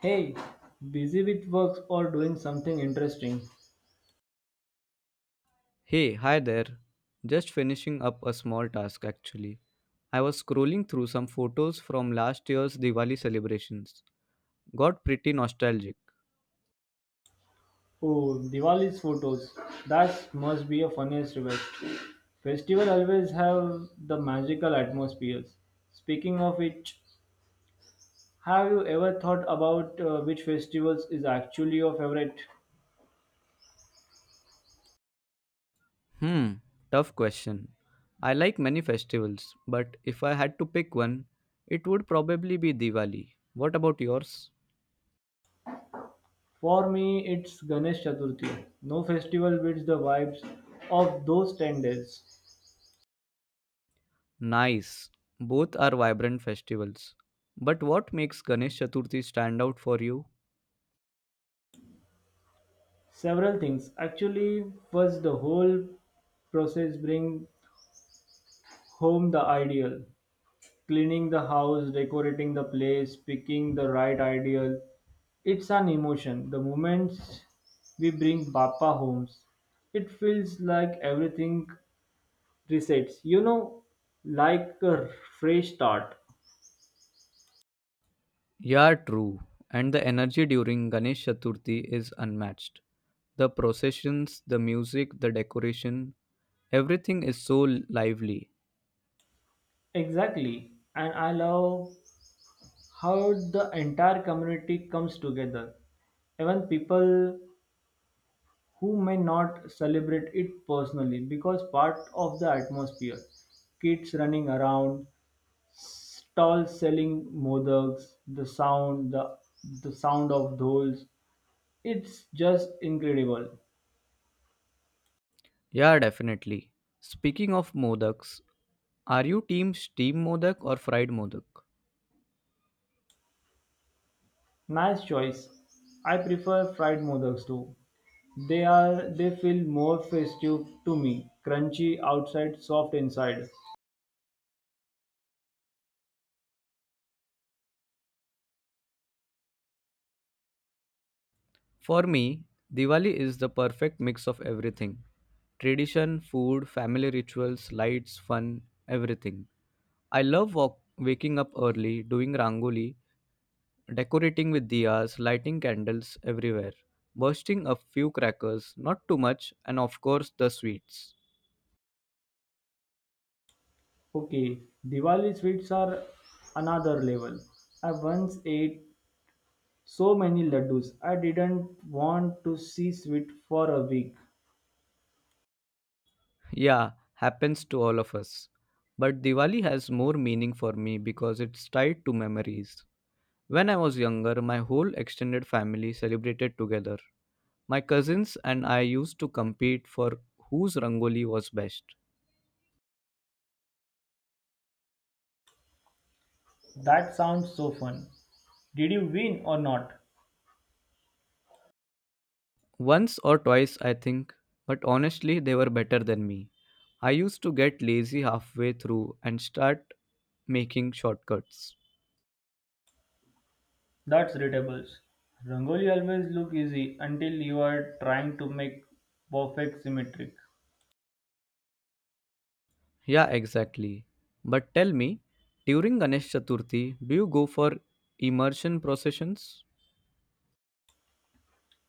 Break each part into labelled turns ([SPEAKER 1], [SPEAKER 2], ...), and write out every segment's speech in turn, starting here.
[SPEAKER 1] Hey, busy with work or doing something interesting?
[SPEAKER 2] Hey, hi there. Just finishing up a small task actually. I was scrolling through some photos from last year's Diwali celebrations. Got pretty nostalgic.
[SPEAKER 1] Oh, Diwali's photos. That must be a funniest event. Festival always have the magical atmospheres. Speaking of which, have you ever thought about which festivals is actually your favorite?
[SPEAKER 2] Hmm, tough question. I like many festivals, but if I had to pick one, it would probably be Diwali. What about yours?
[SPEAKER 1] For me, it's Ganesh Chaturthi. No festival beats the vibes of those 10 days.
[SPEAKER 2] Nice. Both are vibrant festivals. But what makes Ganesh Chaturthi stand out for you?
[SPEAKER 1] Several things. Actually, first the whole process bring home the ideal. Cleaning the house, decorating the place, picking the right ideal. It's an emotion. The moments we bring Bappa home, it feels like everything resets, you know, like a fresh start.
[SPEAKER 2] Yeah, true. And the energy during Ganesh Chaturthi is unmatched. The processions, the music, the decoration, everything is so lively.
[SPEAKER 1] Exactly. And I love how the entire community comes together. Even people who may not celebrate it personally because part of the atmosphere. Kids running around, stalls selling modaks, the sound, the sound of dolls. It's just incredible.
[SPEAKER 2] Yeah, definitely. Speaking of modaks, are you team steam modak or fried modak?
[SPEAKER 1] Nice choice. I prefer fried modaks too. They feel more festive to me. Crunchy outside, soft inside.
[SPEAKER 2] For me, Diwali is the perfect mix of everything: tradition, food, family rituals, lights, fun, everything. I love waking up early, doing rangoli, decorating with diyas, lighting candles everywhere, bursting a few crackers, not too much, and of course the sweets.
[SPEAKER 1] Okay, Diwali sweets are another level. I once ate so many laddus. I didn't want to see sweet for a week.
[SPEAKER 2] Yeah, happens to all of us. But Diwali has more meaning for me because it's tied to memories. When I was younger, my whole extended family celebrated together. My cousins and I used to compete for whose rangoli was best.
[SPEAKER 1] That sounds so fun. Did you win or not?
[SPEAKER 2] Once or twice, I think, but honestly, they were better than me. I used to get lazy halfway through and start making shortcuts.
[SPEAKER 1] That's readables. Rangoli always look easy until you are trying to make perfect symmetric.
[SPEAKER 2] Yeah, exactly. But tell me, during Ganesh Chaturthi, do you go for immersion processions?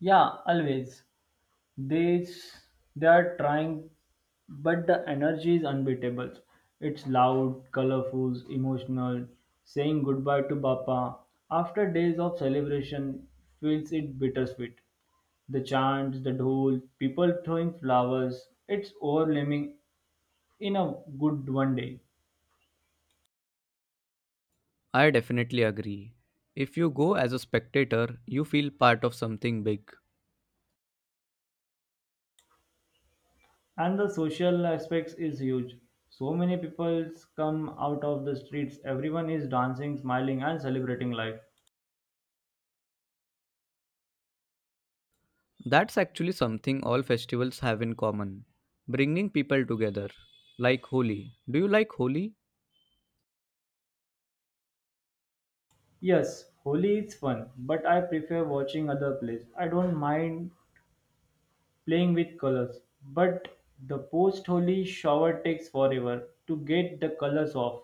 [SPEAKER 1] Yeah, always. They are trying, but the energy is unbeatable. It's loud, colorful, emotional. Saying goodbye to Bappa after days of celebration feels it bittersweet. The chants, the dhol, people throwing flowers. It's overwhelming in a good one day.
[SPEAKER 2] I definitely agree. If you go as a spectator, you feel part of something big.
[SPEAKER 1] And the social aspects is huge, so many people come out of the streets. Everyone is dancing, smiling, and celebrating life.
[SPEAKER 2] That's actually something all festivals have in common: bringing people together. Like Holi. Do you like Holi?
[SPEAKER 1] Yes, holi is fun, but I prefer watching other plays. I don't mind playing with colors, but the post holi shower takes forever to get the colors off.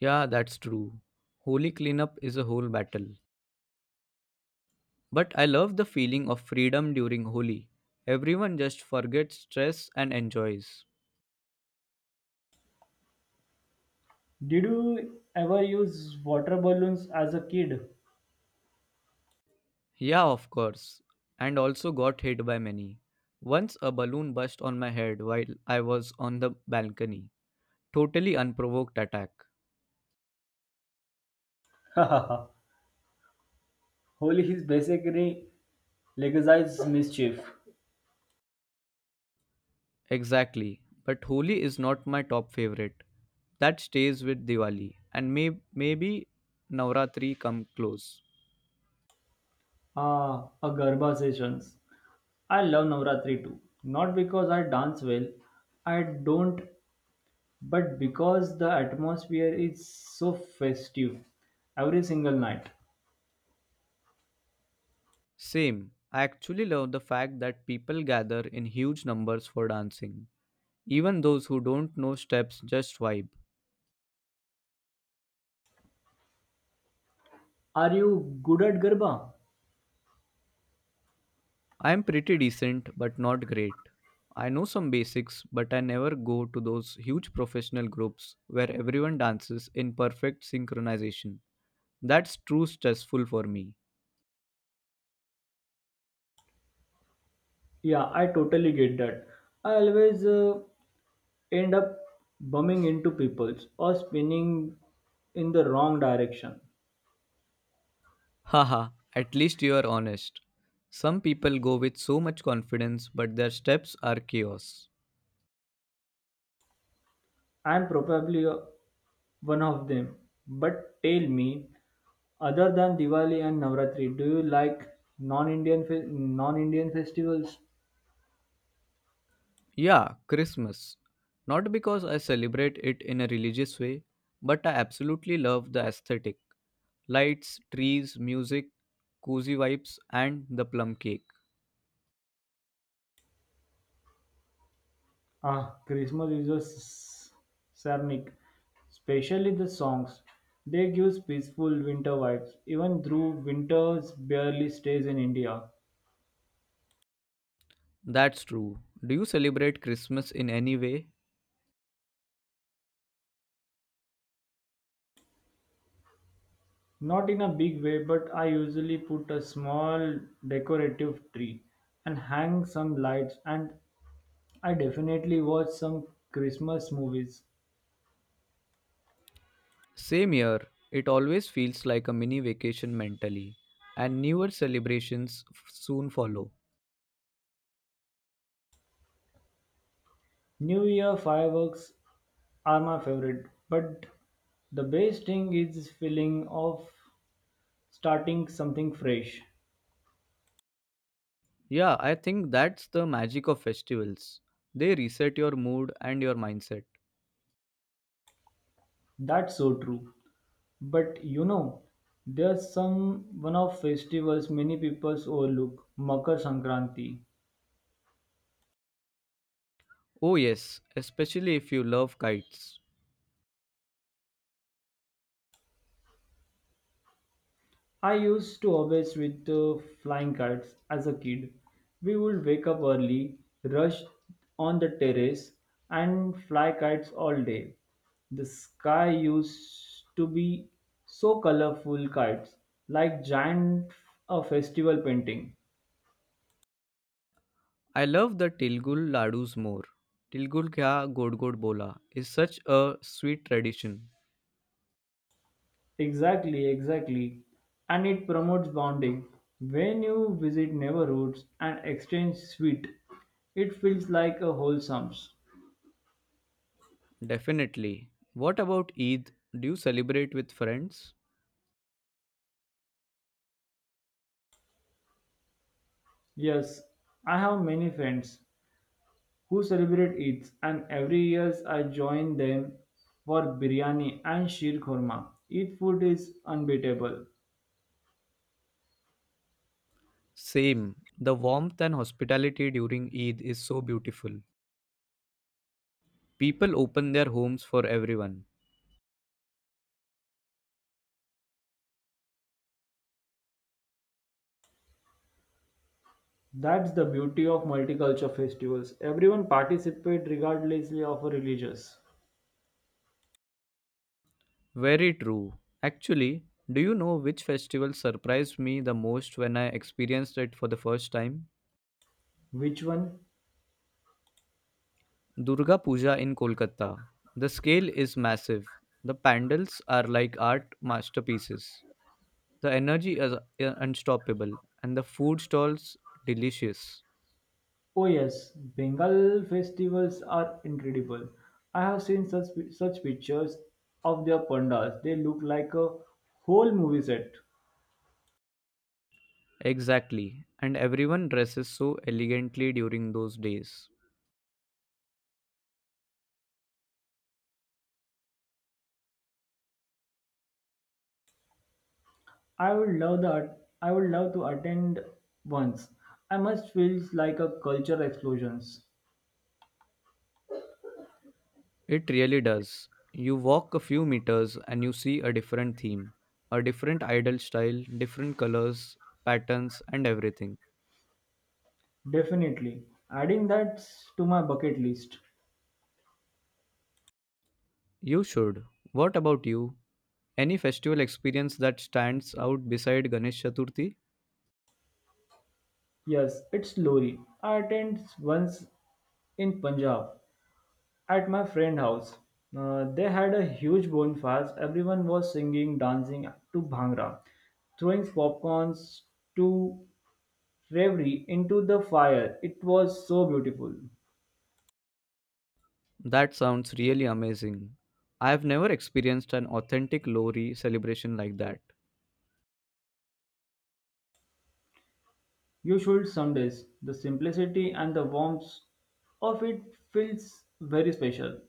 [SPEAKER 2] Yeah, that's true. Holy cleanup is a whole battle. But I love the feeling of freedom during Holi. Everyone just forgets stress and enjoys.
[SPEAKER 1] Did you ever use water balloons as a kid?
[SPEAKER 2] Yeah, of course. And also got hit by many. Once a balloon burst on my head while I was on the balcony. Totally unprovoked attack.
[SPEAKER 1] Holi is basically legalized mischief.
[SPEAKER 2] Exactly. But Holi is not my top favorite. That stays with Diwali and maybe Navratri come close.
[SPEAKER 1] Ah, a garba sessions. I love Navratri too. Not because I dance well, I don't, but because the atmosphere is so festive every single night.
[SPEAKER 2] Same. I actually love the fact that people gather in huge numbers for dancing. Even those who don't know steps just vibe.
[SPEAKER 1] Are you good at Garba?
[SPEAKER 2] I am pretty decent but not great. I know some basics, but I never go to those huge professional groups where everyone dances in perfect synchronization. That's too stressful for me.
[SPEAKER 1] Yeah, I totally get that. I always end up bumming into people or spinning in the wrong direction.
[SPEAKER 2] Haha, at least you are honest. Some people go with so much confidence, but their steps are chaos.
[SPEAKER 1] I'm probably one of them. But tell me, other than Diwali and Navratri, do you like non-Indian festivals?
[SPEAKER 2] Yeah, Christmas. Not because I celebrate it in a religious way, but I absolutely love the aesthetic. Lights, trees, music, cozy vibes, and the plum cake.
[SPEAKER 1] Ah, Christmas is a sarnic, especially the songs. They give peaceful winter vibes, even though winters barely stays in India.
[SPEAKER 2] That's true. Do you celebrate Christmas in any way?
[SPEAKER 1] Not in a big way, but I usually put a small decorative tree and hang some lights, and I definitely watch some Christmas movies.
[SPEAKER 2] Same year, it always feels like a mini vacation mentally, and newer celebrations soon follow.
[SPEAKER 1] New Year fireworks are my favorite, but the best thing is this feeling of starting something fresh.
[SPEAKER 2] Yeah, I think that's the magic of festivals. They reset your mood and your mindset.
[SPEAKER 1] That's so true. But you know, there's some one of festivals many people overlook, Makar Sankranti.
[SPEAKER 2] Oh, yes, especially if you love kites.
[SPEAKER 1] I used to always with flying kites as a kid. We would wake up early, rush on the terrace, and fly kites all day. The sky used to be so colorful kites, like giant a festival painting.
[SPEAKER 2] I love the Tilgul ladus more. Tilgul kya god god bola is such a sweet tradition.
[SPEAKER 1] Exactly, exactly. And it promotes bonding. When you visit neighborhoods and exchange sweet, it feels like a wholesome.
[SPEAKER 2] Definitely. What about Eid? Do you celebrate with friends?
[SPEAKER 1] Yes, I have many friends who celebrate Eid, and every year I join them for biryani and sheer khurma. Eid food is unbeatable.
[SPEAKER 2] Same. The warmth and hospitality during Eid is so beautiful. People open their homes for everyone.
[SPEAKER 1] That's the beauty of multicultural festivals. Everyone participates regardless of religious.
[SPEAKER 2] Very true. Actually, do you know which festival surprised me the most when I experienced it for the first time?
[SPEAKER 1] Which one?
[SPEAKER 2] Durga Puja in Kolkata. The scale is massive. The pandals are like art masterpieces. The energy is unstoppable and the food stalls delicious.
[SPEAKER 1] Oh yes, Bengal festivals are incredible. I have seen such pictures of their pandas. They look like a whole movie set.
[SPEAKER 2] Exactly. And everyone dresses so elegantly during those days.
[SPEAKER 1] I would love that. I would love to attend once. I must feels like a culture explosions.
[SPEAKER 2] It really does. You walk a few meters and you see a different theme, a different idol style, different colors, patterns, and everything.
[SPEAKER 1] Definitely. Adding that to my bucket list.
[SPEAKER 2] You should. What about you? Any festival experience that stands out beside Ganesh Chaturthi?
[SPEAKER 1] Yes, it's Lori. I attended once in Punjab at my friend house. They had a huge bonfire. Everyone was singing, dancing to Bhangra, throwing popcorns to reverie into the fire. It was so beautiful.
[SPEAKER 2] That sounds really amazing. I have never experienced an authentic Lohri celebration like that.
[SPEAKER 1] You should somedays. The simplicity and the warmth of it feels very special.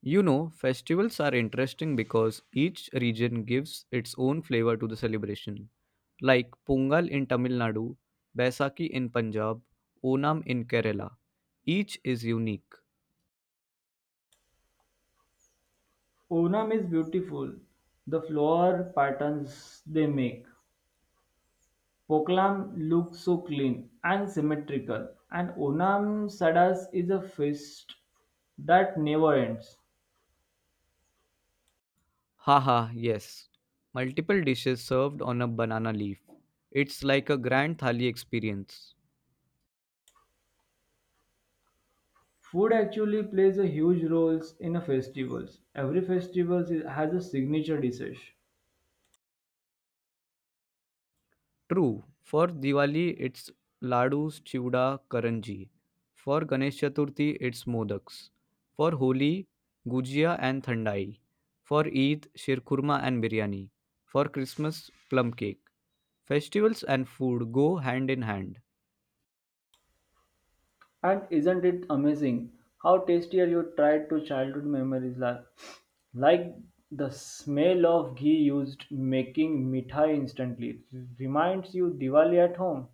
[SPEAKER 2] You know, festivals are interesting because each region gives its own flavor to the celebration. Like Pongal in Tamil Nadu, Baisakhi in Punjab, Onam in Kerala. Each is unique.
[SPEAKER 1] Onam is beautiful. The flower patterns they make. Pokalam looks so clean and symmetrical. And Onam Sadas is a feast that never ends.
[SPEAKER 2] Haha, yes. Multiple dishes served on a banana leaf. It's like a grand thali experience.
[SPEAKER 1] Food actually plays a huge role in a festivals. Every festival has a signature dish.
[SPEAKER 2] True. For Diwali, it's ladus, chiuda, karanji. For Ganesh Chaturthi, it's modaks. For Holi, gujia and thandai. For Eid, shirkurma and biryani. For Christmas, plum cake. Festivals and food go hand in hand.
[SPEAKER 1] And isn't it amazing how tastier you tried to childhood memories like the smell of ghee used making mithai instantly reminds you Diwali at home.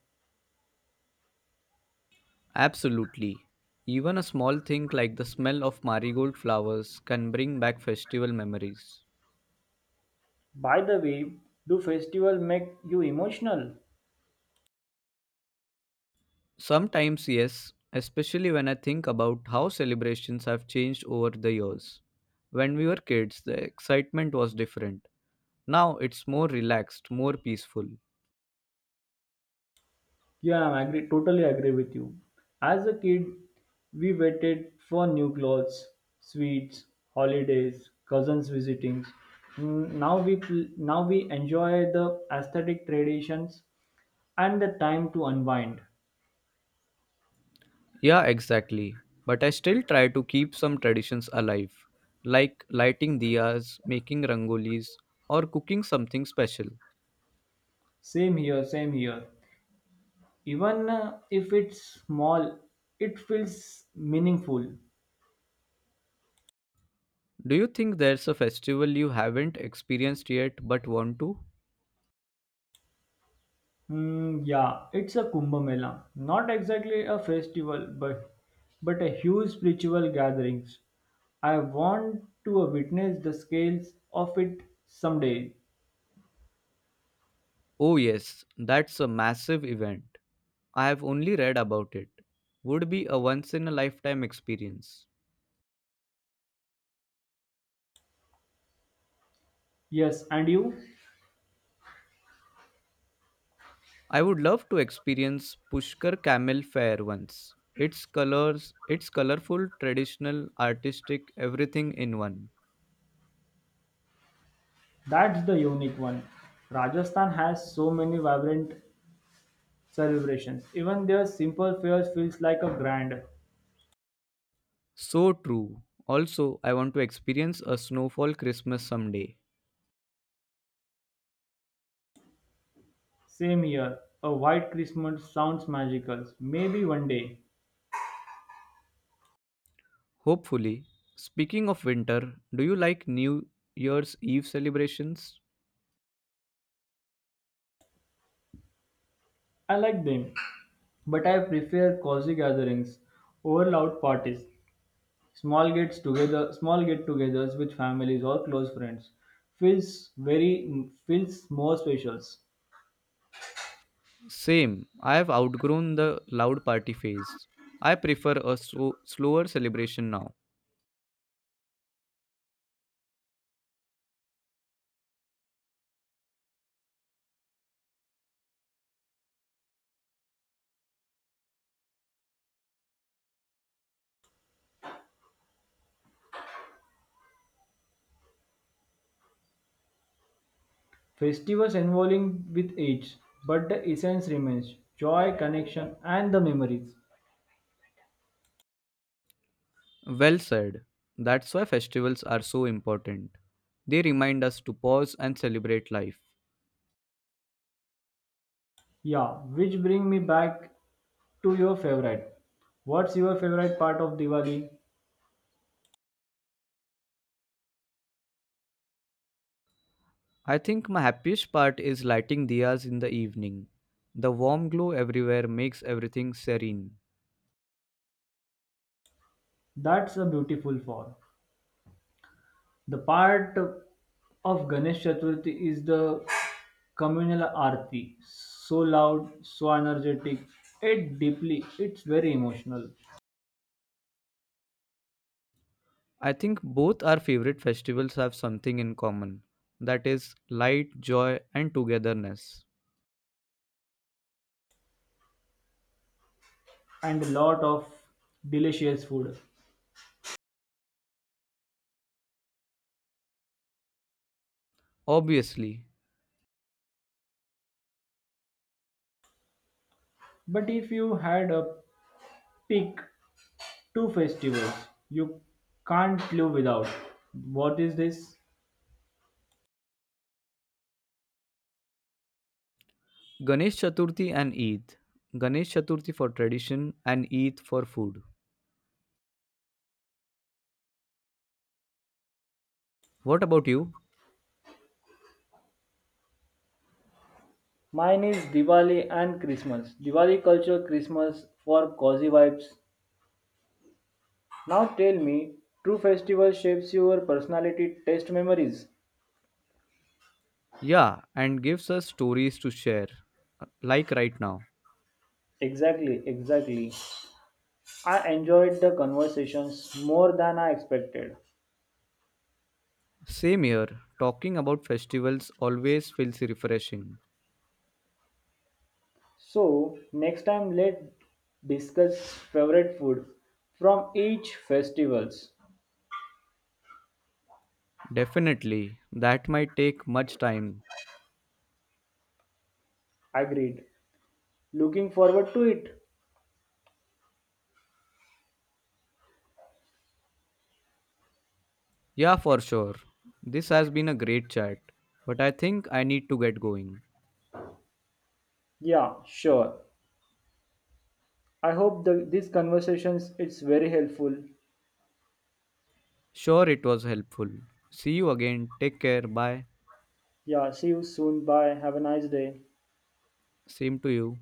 [SPEAKER 2] Absolutely. Even a small thing like the smell of marigold flowers can bring back festival memories.
[SPEAKER 1] By the way, do festival make you emotional?
[SPEAKER 2] Sometimes, yes, especially when I think about how celebrations have changed over the years. When we were kids, the excitement was different. Now it's more relaxed, more peaceful.
[SPEAKER 1] Yeah, I agree, totally agree with you. As a kid, we waited for new clothes, sweets, holidays, cousins visitings. Now we enjoy the aesthetic traditions and the time to unwind.
[SPEAKER 2] Yeah, exactly. But I still try to keep some traditions alive, like lighting diyas, making rangolis, or cooking something special.
[SPEAKER 1] Same here, same here. Even if it's small, it feels meaningful.
[SPEAKER 2] Do you think there's a festival you haven't experienced yet but want to?
[SPEAKER 1] Hmm, yeah, it's a Kumbh Mela, not exactly a festival, but a huge spiritual gatherings. I want to witness the scales of it someday.
[SPEAKER 2] Oh, yes, that's a massive event. I have only read about it. Would be a once in a lifetime experience.
[SPEAKER 1] Yes, and you?
[SPEAKER 2] I would love to experience Pushkar Camel Fair once. Its colors, its colorful, traditional, artistic, everything in one.
[SPEAKER 1] That's the unique one. Rajasthan has so many vibrant celebrations. Even their simple fairs feels like a grand.
[SPEAKER 2] So true. Also, I want to experience a snowfall Christmas someday.
[SPEAKER 1] Same here. A white Christmas sounds magical. Maybe one day.
[SPEAKER 2] Hopefully. Speaking of winter, do you like New Year's Eve celebrations?
[SPEAKER 1] I like them, but I prefer cozy gatherings over loud parties. Small get-togethers with families or close friends feels more special.
[SPEAKER 2] Same. I have outgrown the loud party phase. I prefer a slower celebration now.
[SPEAKER 1] Festivals evolving with age, but the essence remains joy, connection, and the memories.
[SPEAKER 2] Well said. That's why festivals are so important. They remind us to pause and celebrate life.
[SPEAKER 1] Yeah, which bring me back to your favorite. What's your favorite part of Diwali?
[SPEAKER 2] I think my happiest part is lighting diyas in the evening. The warm glow everywhere makes everything serene.
[SPEAKER 1] That's a beautiful fall. The part of Ganesh Chaturthi is the communal aarti, so loud, so energetic, it deeply, it's very emotional,
[SPEAKER 2] I think both our favorite festivals have something in common that is, light, joy, and togetherness.
[SPEAKER 1] and a lot of delicious food.
[SPEAKER 2] Obviously,
[SPEAKER 1] But if you had a pick two festivals, you can't live without. What is this?
[SPEAKER 2] Ganesh Chaturthi and Eid. Ganesh Chaturthi for tradition and Eid for food. What about you?
[SPEAKER 1] Mine is Diwali and Christmas. Diwali culture, Christmas for cozy vibes. Now tell me, true festival shapes your personality, taste, memories.
[SPEAKER 2] Yeah, and gives us stories to share, like right now.
[SPEAKER 1] Exactly, exactly. I enjoyed the conversations more than I expected.
[SPEAKER 2] Same here, talking about festivals always feels refreshing.
[SPEAKER 1] So, next time let's discuss favorite food from each festivals.
[SPEAKER 2] Definitely, that might take much time.
[SPEAKER 1] Agreed. Looking forward to it.
[SPEAKER 2] Yeah, for sure. This has been a great chat, but I think I need to get going.
[SPEAKER 1] Yeah, sure. I hope the, these conversations it's very helpful.
[SPEAKER 2] Sure, it was helpful. See you again. Take care. Bye.
[SPEAKER 1] Yeah, see you soon. Bye. Have a nice day.
[SPEAKER 2] Same to you.